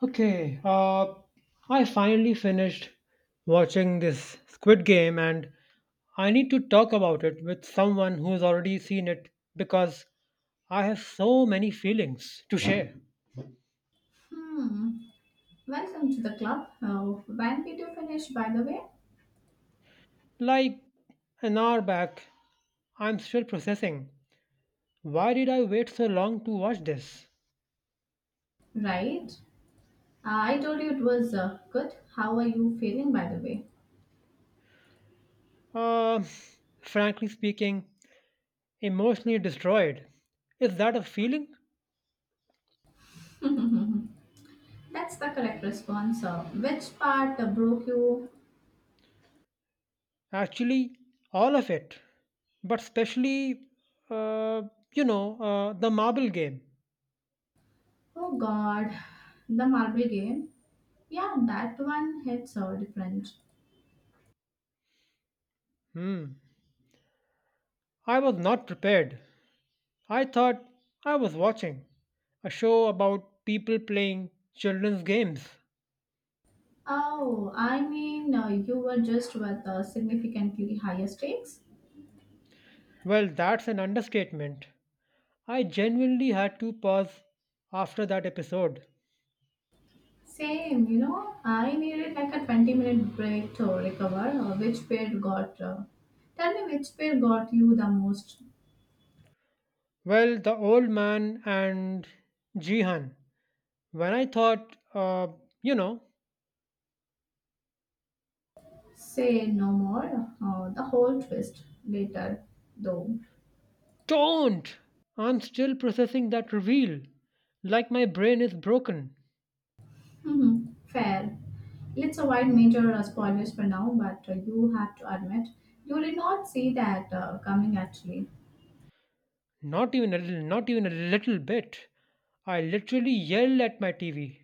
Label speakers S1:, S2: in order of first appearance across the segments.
S1: Okay, uh, I finally finished watching this Squid Game, and I need to talk about it with someone who's already seen it because I have so many feelings to share.
S2: Hmm. Welcome to the club. Oh, when did you finish, by the way?
S1: Like an hour back, I'm still processing. Why did I wait so long to watch this?
S2: Right. I told you it was good. How are you feeling, by the way?
S1: Uh, frankly speaking, emotionally destroyed. Is that a feeling?
S2: That's the correct response. Which part broke you?
S1: Actually, all of it, but especially, uh, the marble game.
S2: Oh God, the marble game. Yeah, that one hits different.
S1: Hmm. I was not prepared. I thought I was watching a show about people playing children's games.
S2: Oh, I mean, you were just with significantly higher stakes.
S1: Well, that's an understatement. I genuinely had to pause after that episode.
S2: Same, you know, I needed like a 20-minute break to recover. Tell me which pair got you the most?
S1: Well, the old man and Jihan. When I thought, you know,
S2: Say no more, the whole twist later, though.
S1: Don't! I'm still processing that reveal. Like my brain is broken.
S2: Mhm, fair. Let's avoid major spoilers for now, but you have to admit, you did not see that coming actually.
S1: Not even a little, not even a little bit. I literally yell at my TV.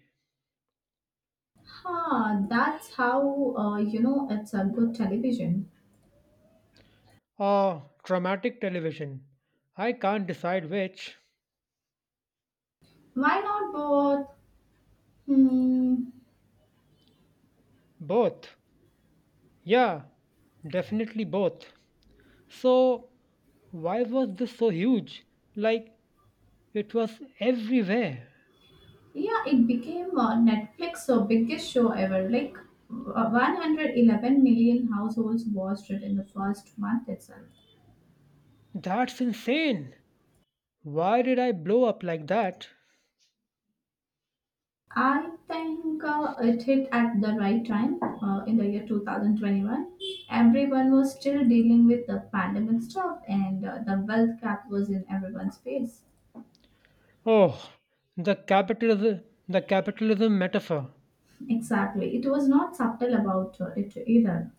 S2: Huh, that's how, you know, it's a good television.
S1: Ah, traumatic television. I can't decide which.
S2: Why not both? Hmm.
S1: Both. Yeah, definitely both. So, why was this so huge? Like, it was everywhere.
S2: Yeah, it became Netflix's biggest show ever. Like 111 million households watched it in the first month itself.
S1: That's insane. Why did I blow up like that?
S2: I think it hit at the right time in the year 2021. Everyone was still dealing with the pandemic stuff, and the wealth gap was in everyone's face.
S1: Oh, the capitalism metaphor.
S2: Exactly. It was not subtle about it either.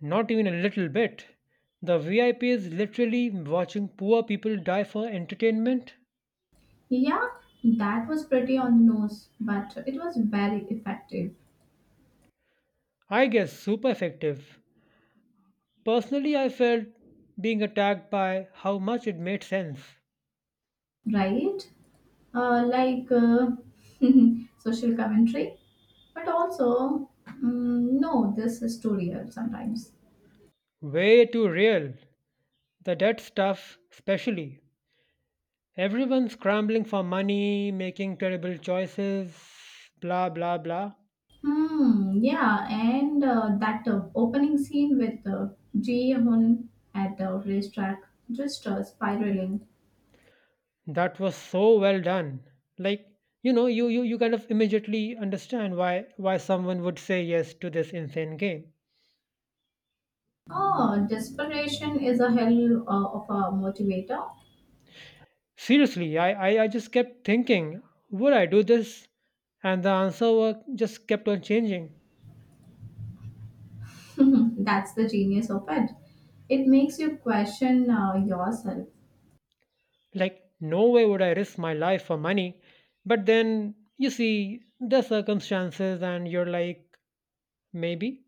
S1: Not even a little bit. The VIP is literally watching poor people die for entertainment.
S2: Yeah, that was pretty on the nose, but it was very effective,
S1: I guess super effective. Personally, I felt being attacked by how much it made sense.
S2: right? Like, social commentary, but also, no, this is too real sometimes.
S1: Way too real. The debt stuff, especially. Everyone scrambling for money, making terrible choices, blah blah blah.
S2: Hmm, yeah, and that opening scene with Ji Hoon at the racetrack, just spiraling.
S1: That was so well done. Like, you kind of immediately understand why someone would say yes to this insane game.
S2: Oh, desperation is a hell of a motivator.
S1: Seriously, I just kept thinking, would I do this? And the answer were, just kept on changing.
S2: That's the genius of it. It makes you question yourself.
S1: Like, no way would I risk my life for money, but then you see the circumstances and you're like, maybe.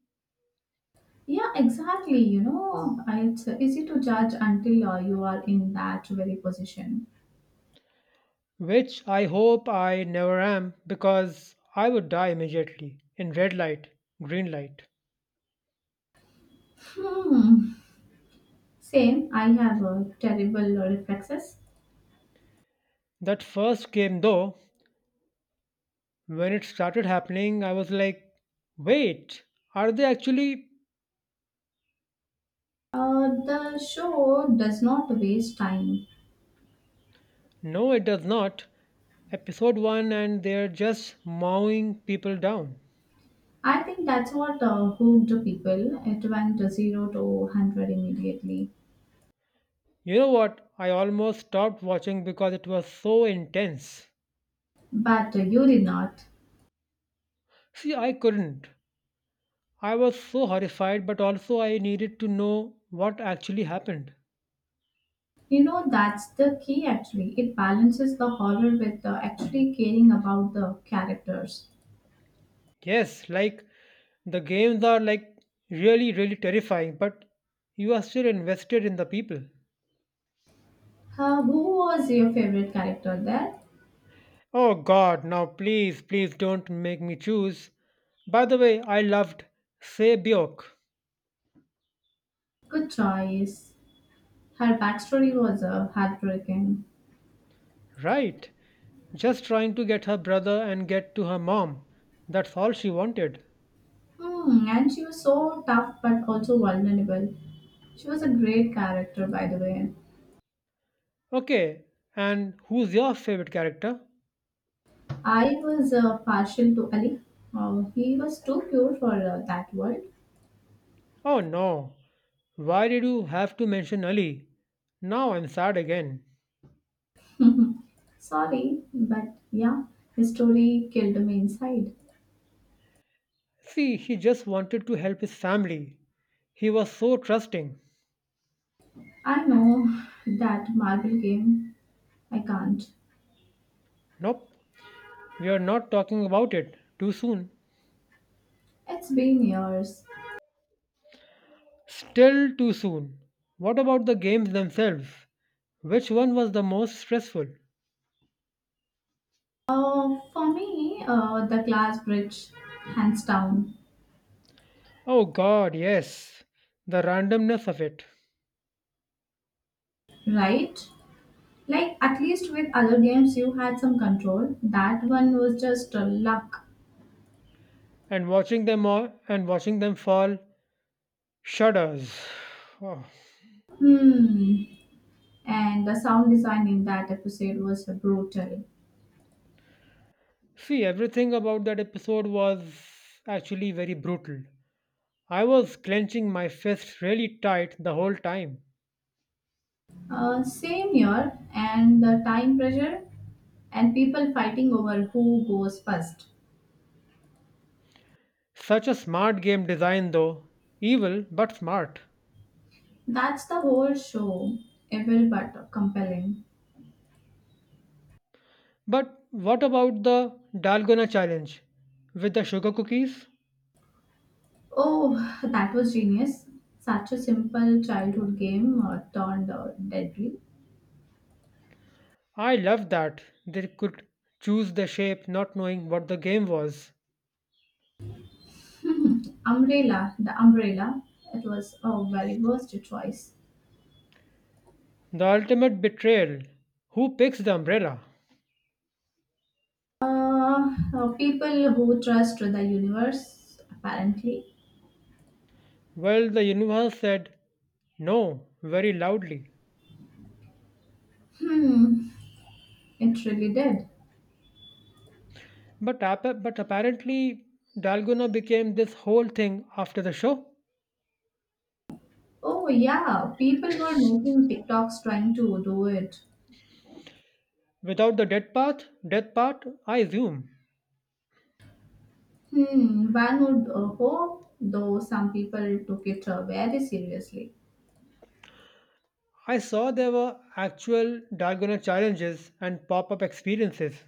S2: Yeah, exactly. You know, it's easy to judge until you are in that very position.
S1: Which I hope I never am, because I would die immediately in red light, green light.
S2: Hmm. Same. I have terrible reflexes.
S1: That first game, though, when it started happening, I was like, wait, are they actually?
S2: The show does not waste time.
S1: No, it does not. Episode 1, and they're just mowing people down.
S2: I think that's what hooked people. It went 0 to 100 immediately,
S1: You know what? I almost stopped watching because it was so intense.
S2: but you did not.
S1: See, I couldn't. I was so horrified, but also I needed to know what actually happened.
S2: You know, that's the key. Actually, it balances the horror with actually caring about the characters.
S1: Yes, like the games are like really, really terrifying, but you are still invested in the people.
S2: Who was your favorite character there?
S1: Oh God, now please, please don't make me choose. By the way, I loved Sebyok,
S2: Good choice. Her backstory was heartbreaking.
S1: right? Just trying to get her brother and get to her mom. That's all she wanted.
S2: Hmm, and she was so tough but also vulnerable. She was a great character, by the way.
S1: Okay, and who's your favorite character?
S2: I was partial to Ali. Oh, he was too pure for that world.
S1: Oh no, why did you have to mention Ali? Now I'm sad again.
S2: Sorry, but yeah, his story killed me inside.
S1: See, he just wanted to help his family. He was so trusting.
S2: I know that marble game. I can't.
S1: Nope, we are not talking about it. Too soon.
S2: It's been years.
S1: Still too soon. What about the games themselves? Which one was the most stressful?
S2: For me, the class bridge, hands down,
S1: Oh god, yes. The randomness of it.
S2: right? Like at least with other games, you had some control. That one was just luck.
S1: And watching them all and watching them fall shudders. Oh.
S2: Hmm. And the sound design in that episode was brutal.
S1: See, everything about that episode was actually very brutal. I was clenching my fist really tight the whole time.
S2: Same year, and the time pressure, and people fighting over who goes first.
S1: Such a smart game design though. Evil but smart.
S2: That's the whole show, evil but compelling.
S1: But what about the Dalgona challenge with the sugar cookies?
S2: Oh, that was genius. Such a simple childhood game turned deadly.
S1: I loved that they could choose the shape not knowing what the game was.
S2: The umbrella, it was a very worst choice.
S1: The ultimate betrayal. Who picks the umbrella?
S2: People who trust the universe, apparently.
S1: Well, the universe said no very loudly.
S2: Hmm, it really did.
S1: But apparently, Dalgona became this whole thing after the show.
S2: Oh, yeah, people were making TikToks trying to do it.
S1: Without the death part, I assume.
S2: Hmm, one would hope, though some people took it very seriously.
S1: I saw there were actual Dalgona challenges and pop up experiences.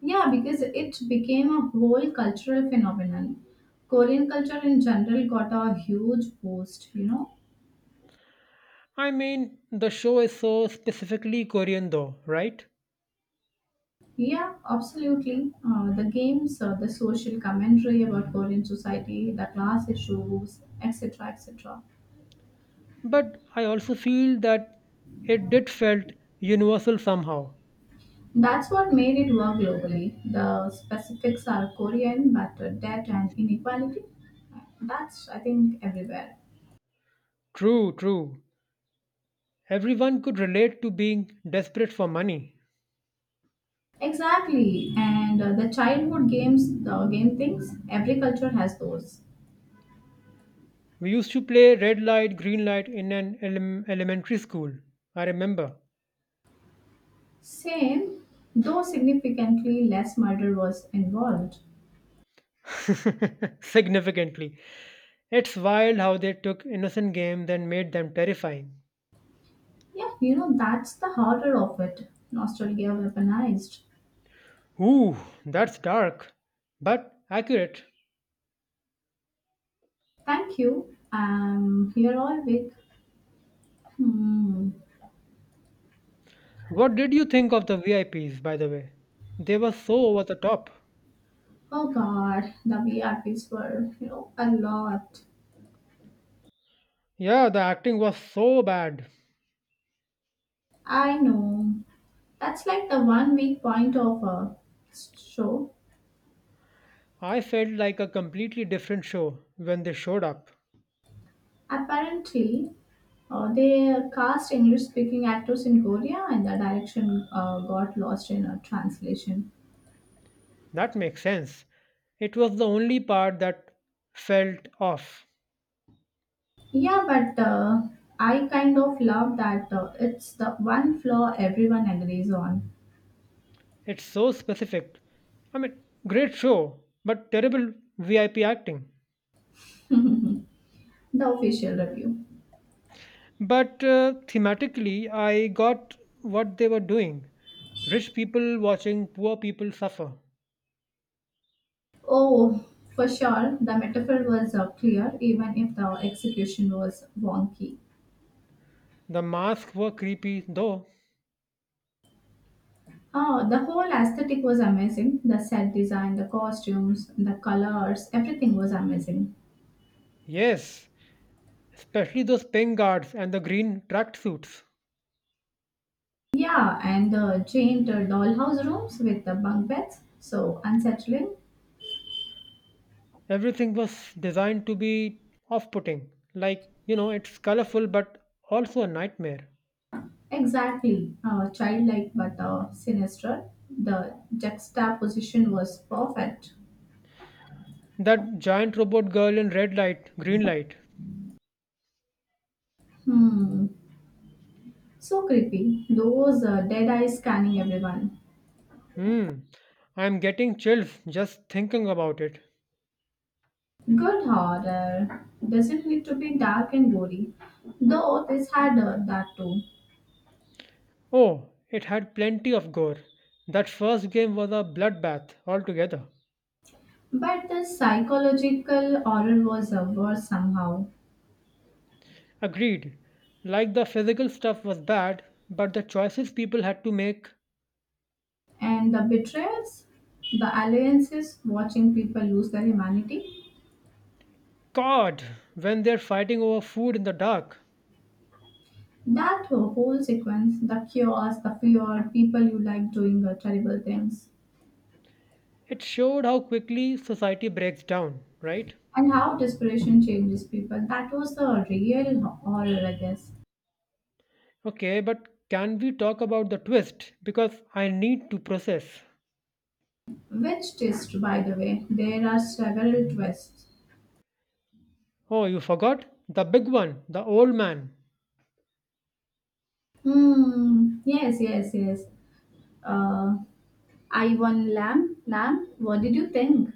S2: Yeah, because it became a whole cultural phenomenon. Korean culture in general got a huge boost, you know.
S1: I mean, the show is so specifically Korean though, right?
S2: Yeah, absolutely. The games, the social commentary about Korean society, the class issues, etc., etc.
S1: But I also feel that it did felt universal somehow.
S2: That's what made it work globally. The specifics are Korean, but debt and inequality, that's I think everywhere.
S1: True, true. Everyone could relate to being desperate for money.
S2: Exactly, and the childhood games, the game things, every culture has those.
S1: We used to play red light, green light in an elementary school. I remember.
S2: Same, though significantly less murder was involved.
S1: Significantly. It's wild how they took innocent games and made them terrifying.
S2: Yeah, you know, that's the horror of it. Nostalgia weaponized.
S1: Ooh, that's dark, but accurate.
S2: Thank you. You're all weak. Hmm.
S1: What did you think of the VIPs, by the way? They were so over the top.
S2: Oh god, the V R P's were, you know, a lot.
S1: Yeah, the acting was so bad.
S2: I know. That's like the one weak point of a show.
S1: I felt like a completely different show when they showed up.
S2: Apparently, they cast English speaking actors in Korea and the direction got lost in a translation.
S1: That makes sense. It was the only part that felt off.
S2: Yeah, but I kind of love that it's the one flaw everyone agrees on
S1: It's so specific. I mean, great show, but terrible VIP acting.
S2: the official review.
S1: But thematically, I got what they were doing. Rich people watching poor people suffer.
S2: Oh, for sure, the metaphor was clear even if the execution was wonky.
S1: The masks were creepy, though.
S2: Oh, the whole aesthetic was amazing. The set design, the costumes, the colors, everything was amazing.
S1: Yes, especially those pink guards and the green tracksuits.
S2: Yeah, and the giant dollhouse rooms with the bunk beds, so unsettling.
S1: Everything was designed to be off putting. Like, you know, it's colorful but also a nightmare.
S2: Exactly, childlike but sinister. The juxtaposition was perfect.
S1: That giant robot girl in red light, green light.
S2: Hmm, so creepy. Those dead eyes scanning everyone.
S1: Hmm, I'm getting chills just thinking about it.
S2: Good horror. Doesn't need to be dark and gory, though this had that too.
S1: Oh, it had plenty of gore. That first game was a bloodbath altogether.
S2: But the psychological horror was worse somehow.
S1: Agreed. Like the physical stuff was bad, but the choices people had to make.
S2: And the betrayals, the alliances, watching people lose their humanity.
S1: God, when they're fighting over food in the dark,
S2: That whole sequence, the chaos, the fear, people you like doing terrible things,
S1: it showed how quickly society breaks down, right?
S2: and how desperation changes people, that was the real horror, I guess.
S1: Okay, but can we talk about the twist? Because I need to process.
S2: Which twist, by the way? There are several twists.
S1: Oh, you forgot? The big one, the old man.
S2: Hmm, yes, yes, yes. Uh, Ivan Lamb, what did you think?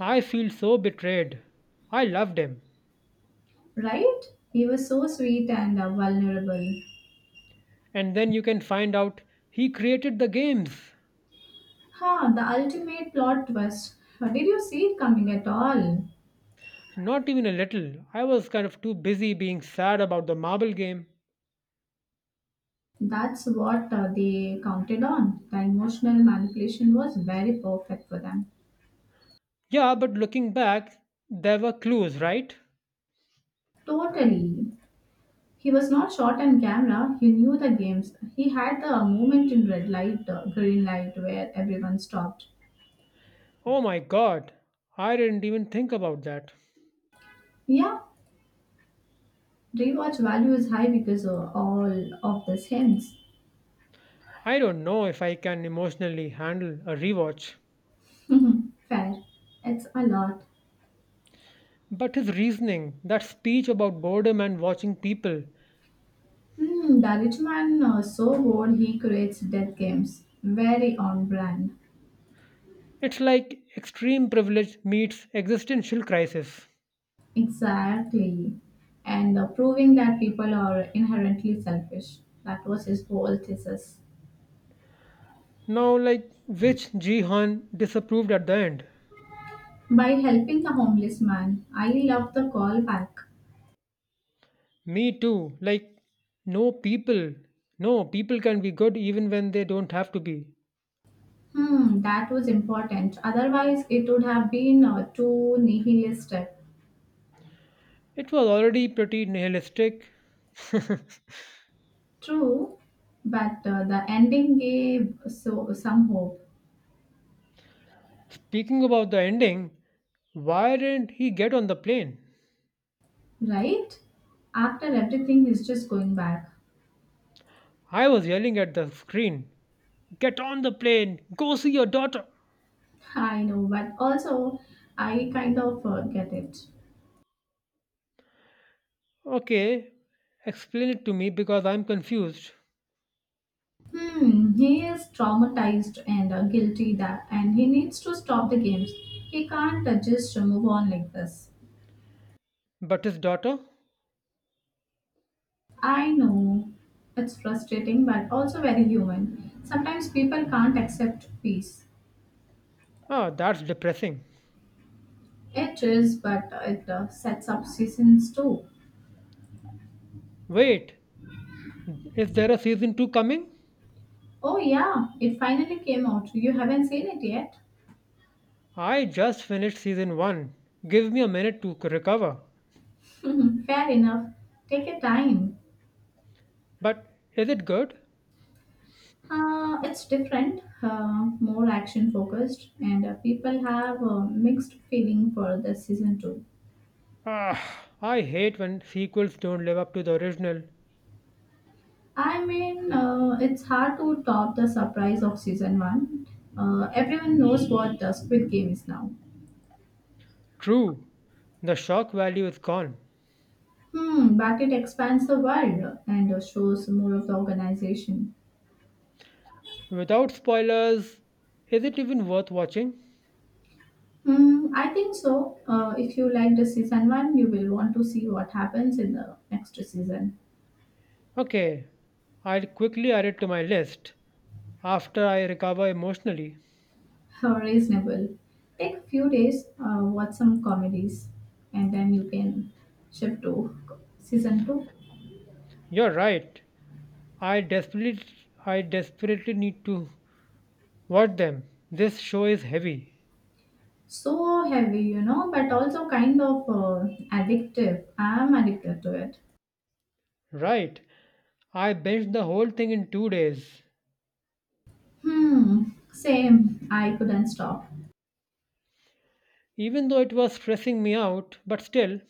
S1: I feel so betrayed. I loved him.
S2: Right? He was so sweet and vulnerable.
S1: And then you can find out he created the games.
S2: Ha, the ultimate plot twist. Did you see it coming at all?
S1: Not even a little. I was kind of too busy being sad about the marble game.
S2: That's what they counted on. The emotional manipulation was very perfect for them.
S1: Yeah, but looking back, there were clues, right?
S2: Totally. He was not shot on camera. He knew the games. He had the moment in red light, green light, where everyone stopped.
S1: Oh my god, I didn't even think about that.
S2: Yeah, rewatch value is high because of all of this hints.
S1: I don't know if I can emotionally handle a rewatch.
S2: Fair. It's a lot.
S1: But his reasoning, that speech about boredom and watching people,
S2: Hmm, the rich man so bored he creates death games. Very on brand.
S1: it's like extreme privilege meets existential crisis.
S2: Exactly. And proving that people are inherently selfish. That was his whole thesis.
S1: Now, like, which Jihan disapproved at the end?
S2: By helping the homeless man, I love the callback.
S1: Me too. Like, no people. No, people can be good even when they don't have to be.
S2: Hmm, that was important. Otherwise, it would have been too nihilistic.
S1: It was already pretty nihilistic.
S2: True, but the ending gave so some hope,
S1: Speaking about the ending, why didn't he get on the plane?
S2: right? After everything, he's just going back.
S1: I was yelling at the screen, get on the plane! Go see your daughter!
S2: I know, but also, I kind of get it.
S1: Okay, explain it to me because I'm confused.
S2: Hmm, he is traumatized and guilty that, and he needs to stop the games. He can't just move on like this.
S1: But his daughter?
S2: I know it's frustrating, but also very human. Sometimes people can't accept peace.
S1: Ah, that's depressing.
S2: It is, but it sets up seasons too.
S1: Wait, is there a season 2 coming?
S2: Oh yeah, it finally came out. You haven't seen it yet.
S1: I just finished season 1. Give me a minute to recover.
S2: Fair enough. Take your time.
S1: But is it good?
S2: It's different, more action focused, and people have mixed feeling for the season 2.
S1: Ah, I hate when sequels don't live up to the original.
S2: I mean, it's hard to top the surprise of season 1. Everyone knows what the Squid Game is now.
S1: True, the shock value is gone.
S2: Hmm, but it expands the world and shows more of the organization.
S1: Without spoilers, is it even worth watching?
S2: Hmm, I think so. If you like the season 1, you will want to see what happens in the next season.
S1: Okay, I'll quickly add it to my list after I recover emotionally.
S2: How reasonable. Take a few days, watch some comedies, and then you can shift to season 2.
S1: You're right. I desperately I desperately need to watch them. This show is heavy.
S2: So heavy, you know, but also kind of addictive. I'm addicted to it.
S1: Right. I binged the whole thing in 2 days.
S2: Hmm, same. I couldn't stop.
S1: Even though it was stressing me out, but still,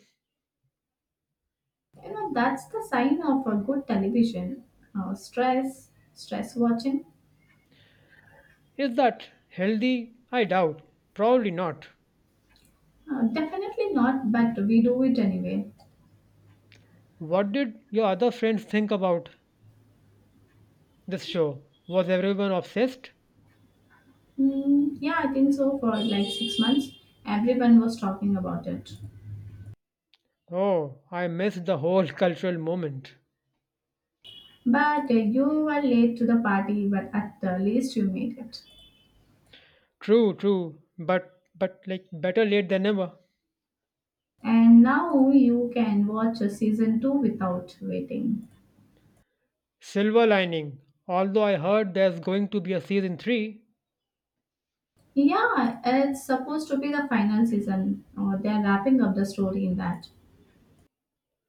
S2: You know, that's the sign of a good television. Stress watching.
S1: is that healthy? I doubt. Probably not.
S2: Definitely not, but we do it anyway.
S1: What did your other friends think about this show? Was everyone obsessed?
S2: Hmm, yeah, I think so. For like 6 months, everyone was talking about it.
S1: Oh, I missed the whole cultural moment.
S2: But you were late to the party, but at the least you made it.
S1: True, true, but like better late than never.
S2: And now you can watch season 2 without waiting.
S1: Silver lining. Although I heard there's going to be a season 3.
S2: Yeah, it's supposed to be the final season, or they're wrapping up the story in that.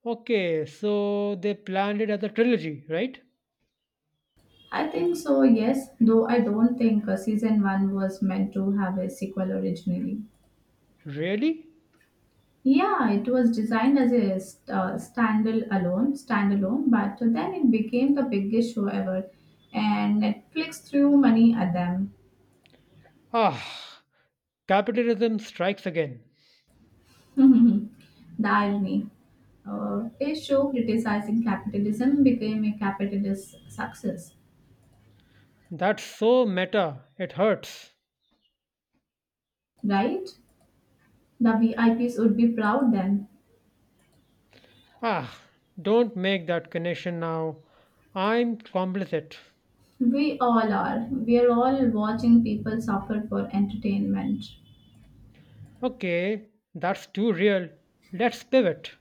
S1: Okay, so they planned it as a trilogy, right?
S2: I think so, yes, though I don't think season 1 was meant to have a sequel originally.
S1: Really?
S2: Yeah, it was designed as a standalone, but then it became the biggest show ever, and Netflix threw money at them.
S1: Ah, capitalism strikes again.
S2: The irony. A show criticizing capitalism became a capitalist success,
S1: That's so meta. It hurts.
S2: right? The VIPs would be proud then.
S1: Ah, don't make that connection now. I'm complicit.
S2: We all are. We are all watching people suffer for entertainment.
S1: Okay, that's too real. Let's pivot.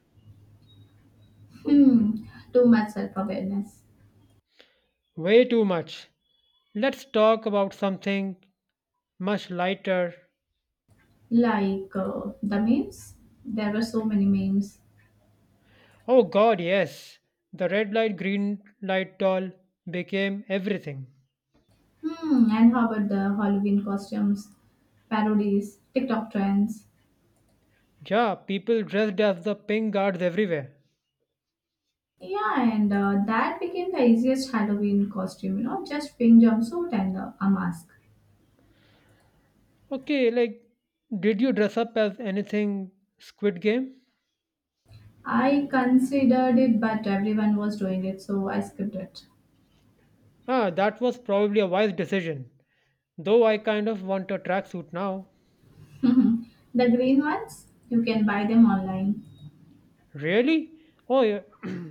S2: Hmm, too much self awareness.
S1: Way too much. Let's talk about something much lighter.
S2: Like the memes? There were so many memes.
S1: Oh god, yes. The red light, green light doll became everything.
S2: Hmm, and how about the Halloween costumes, parodies, TikTok trends?
S1: Yeah, people dressed as the pink guards everywhere.
S2: Yeah, and that became the easiest Halloween costume, you know, just pink jumpsuit and a mask.
S1: Okay, like, did you dress up as anything Squid Game?
S2: I considered it, but everyone was doing it, so I skipped it.
S1: Ah, that was probably a wise decision. Though I kind of want a tracksuit now.
S2: The green ones, you can buy them online.
S1: Really? Oh, yeah.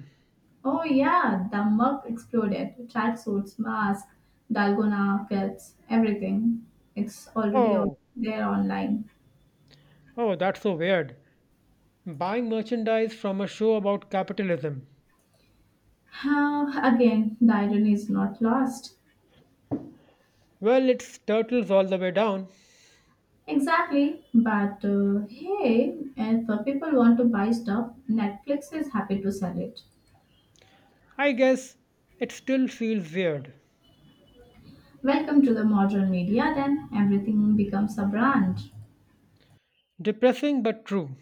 S2: Oh, yeah, the mug exploded. Tracksuits, mask, dalgona kits, everything. It's already all
S1: Oh,
S2: there online.
S1: oh, that's so weird. Buying merchandise from a show about capitalism.
S2: How again, the irony is not lost.
S1: Well, it turtles all the way down.
S2: Exactly, but hey, if people want to buy stuff, Netflix is happy to sell it.
S1: I guess it still feels weird.
S2: Welcome to the modern media, then everything becomes a brand.
S1: Depressing but true.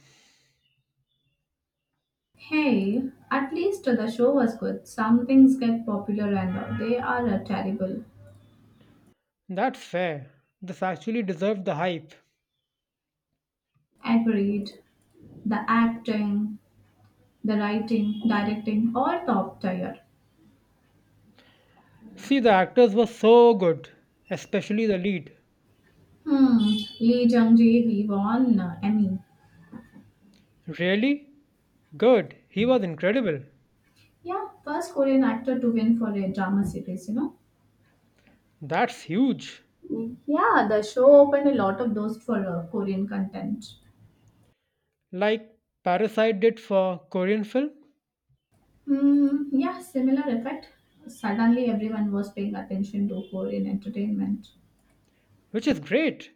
S2: Hey, at least the show was good. Some things get popular and they are terrible.
S1: That's fair. This actually deserved the hype.
S2: Agreed. The acting, the writing, directing, all top tier.
S1: See, the actors were so good, especially the lead.
S2: Hmm, Lee Jung Jae, he won Emmy.
S1: Really? Good. He was incredible.
S2: Yeah, first Korean actor to win for a drama series, you know.
S1: That's huge.
S2: Yeah, the show opened a lot of doors for Korean content.
S1: Like Parasite did for Korean film,
S2: Mm, yeah, similar effect. Suddenly, everyone was paying attention to Korean entertainment.
S1: which is great.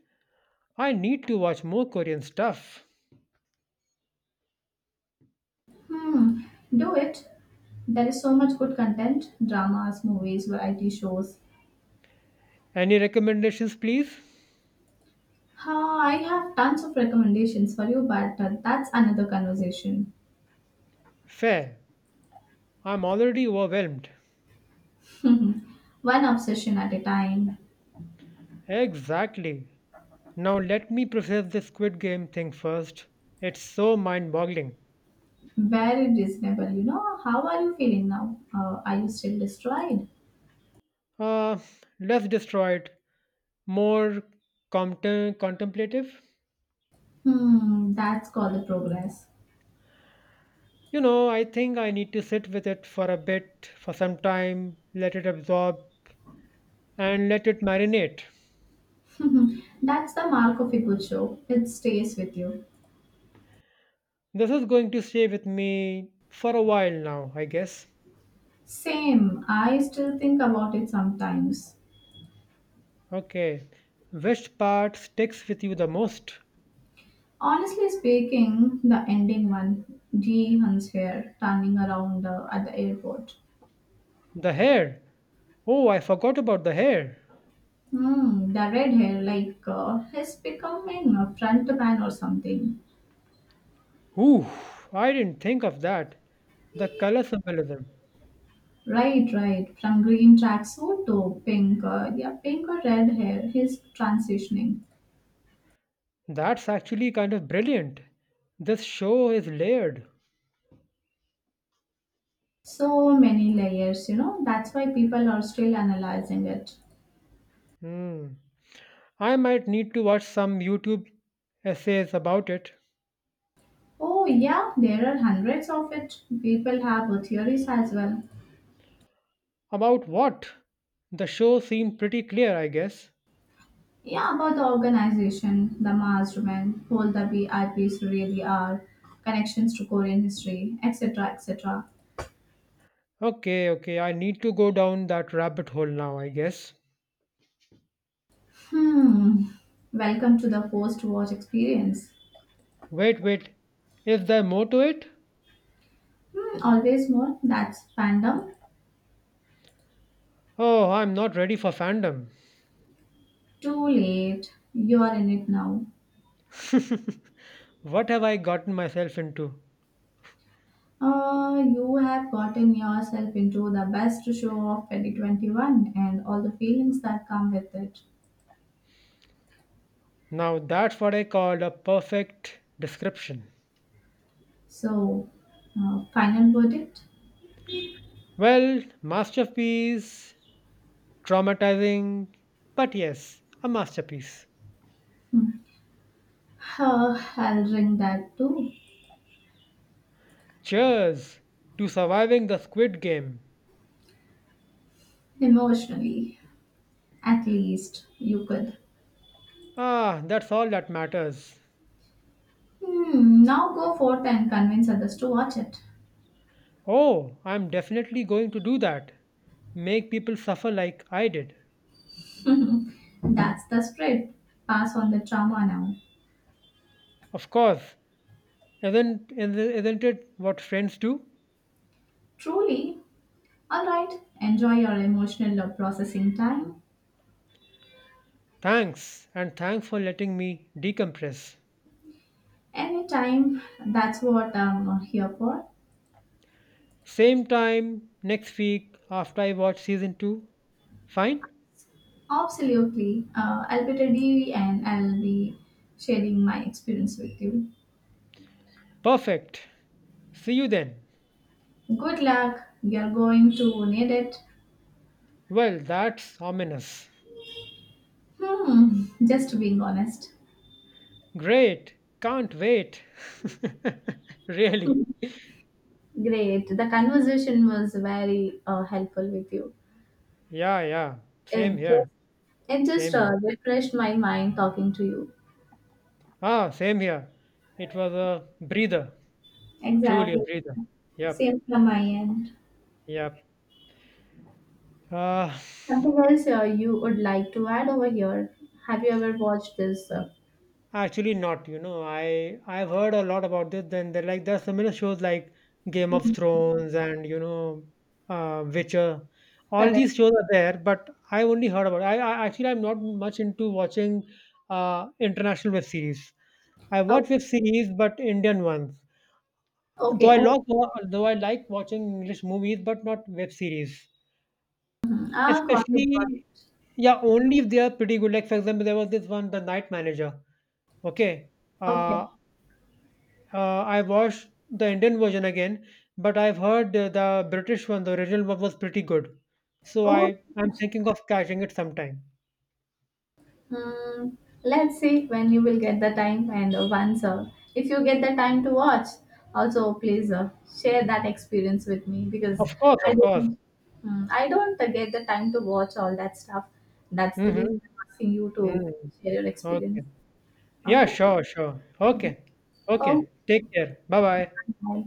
S1: I need to watch more Korean stuff.
S2: Hmm, do it. There is so much good content dramas, movies, variety shows.
S1: Any recommendations, please?
S2: Ah, I have tons of recommendations for you, but that's another conversation.
S1: Fair. I'm already overwhelmed.
S2: One obsession at a time.
S1: Exactly. Now let me process this Squid Game thing first. It's so mind-boggling.
S2: Very reasonable, you know. How are you feeling now? Are you still destroyed?
S1: Uh, Less destroyed, more contemplative.
S2: Hmm, that's called the progress.
S1: You know, I think I need to sit with it for a bit, for some time, let it absorb, and let it marinate.
S2: That's the mark of a good show. It stays with you.
S1: This is going to stay with me for a while now, I guess.
S2: Same, I still think about it sometimes.
S1: Okay, which part sticks with you the most?
S2: Honestly speaking, the ending one, Ji Hun's hair turning around at the airport.
S1: The hair. Oh, I forgot about the hair.
S2: Hmm, the red hair, like, is becoming a front man or something.
S1: Ooh, I didn't think of that. The color symbolism.
S2: Right, right. From green tracksuit to pink, yeah, pink or red hair, he's transitioning.
S1: That's actually kind of brilliant. This show is layered.
S2: So many layers, you know, that's why people are still analyzing it.
S1: Hmm. I might need to watch some YouTube essays about it.
S2: Oh, yeah, there are hundreds of it. People have theories as well.
S1: About what? The show seemed pretty clear, I guess.
S2: Yeah, about the organization, the mastermind, who the VIPs really are, connections to Korean history, etc. etc.
S1: Okay, okay, I need to go down that rabbit hole now, I guess.
S2: Hmm, welcome to the post watch experience.
S1: Wait, wait. Is there more to it?
S2: Hmm, always more, that's fandom.
S1: Oh, I'm not ready for fandom.
S2: Too late, you are in it now.
S1: What have I gotten myself into?
S2: You have gotten yourself into the best show of 2021 and all the feelings that come with it.
S1: Now that's what I call a perfect description.
S2: So, final verdict?
S1: Well, masterpiece, traumatizing, but yes, a masterpiece.
S2: Hmm. I'll ring that too.
S1: Cheers to surviving the squid game.
S2: Emotionally, at least, you could.
S1: Ah, that's all that matters.
S2: Hmm, now go forth and convince others to watch it.
S1: Oh, I'm definitely going to do that. Make people suffer like I did.
S2: That's the spirit. Pass on the trauma now.
S1: Of course, isn't it what friends do?
S2: Truly. Alright, enjoy your emotional processing time.
S1: Thanks, and thanks for letting me decompress.
S2: Anytime, that's what I'm here for.
S1: Same time next week after I watch season 2. Fine?
S2: Absolutely. I'll be ready and I'll be sharing my experience with you.
S1: Perfect. See you then.
S2: Good luck. You're going to need it.
S1: Well, that's ominous.
S2: Hmm, just being honest.
S1: Great. Can't wait. Really.
S2: Great. The conversation was very helpful with you.
S1: Yeah, yeah. Same
S2: It just,
S1: here.
S2: it just
S1: Same here.
S2: refreshed my mind talking to you.
S1: Ah, same here. It was a breather. Truly a
S2: Exactly.
S1: breather. Yep,
S2: Same from my end.
S1: yep. Uh,
S2: Something else you would like to add over here? Have you ever watched this
S1: Actually, not. You know, I've heard a lot about this. Then they're like there are similar shows like Game of
S2: Mm,
S1: Thrones, and Witcher. All
S2: correct.
S1: these shows are there, but I only heard about. I actually I'm not much into watching international web series. I
S2: Oh,
S1: watch web series, but Indian ones. Though
S2: okay.
S1: I
S2: Oh,
S1: like though I like watching English movies, but not web series.
S2: mhm. Ah, got it, got
S1: Especially,
S2: it.
S1: yeah, only if they are pretty good. Like for example, there was this one, The Night Manager. Okay.
S2: Okay.
S1: Uh, I watched the Indian version again, but I've heard the British one, the original one, was pretty good. So
S2: Oh,
S1: I'm thinking of catching it sometime.
S2: mm, let's see when you will get the time and once if you get the time to watch, also please share that experience with me because
S1: Of course,
S2: I
S1: of course.
S2: don't, I don't get the time to watch all that stuff. That's the reason
S1: Mm-hmm.
S2: I'm asking you to
S1: Mm.
S2: share your experience.
S1: Okay. Yeah,
S2: Okay.
S1: sure, sure.
S2: Hmm.
S1: Okay.
S2: Oh,
S1: Okay. Take care. Bye bye.
S2: bye.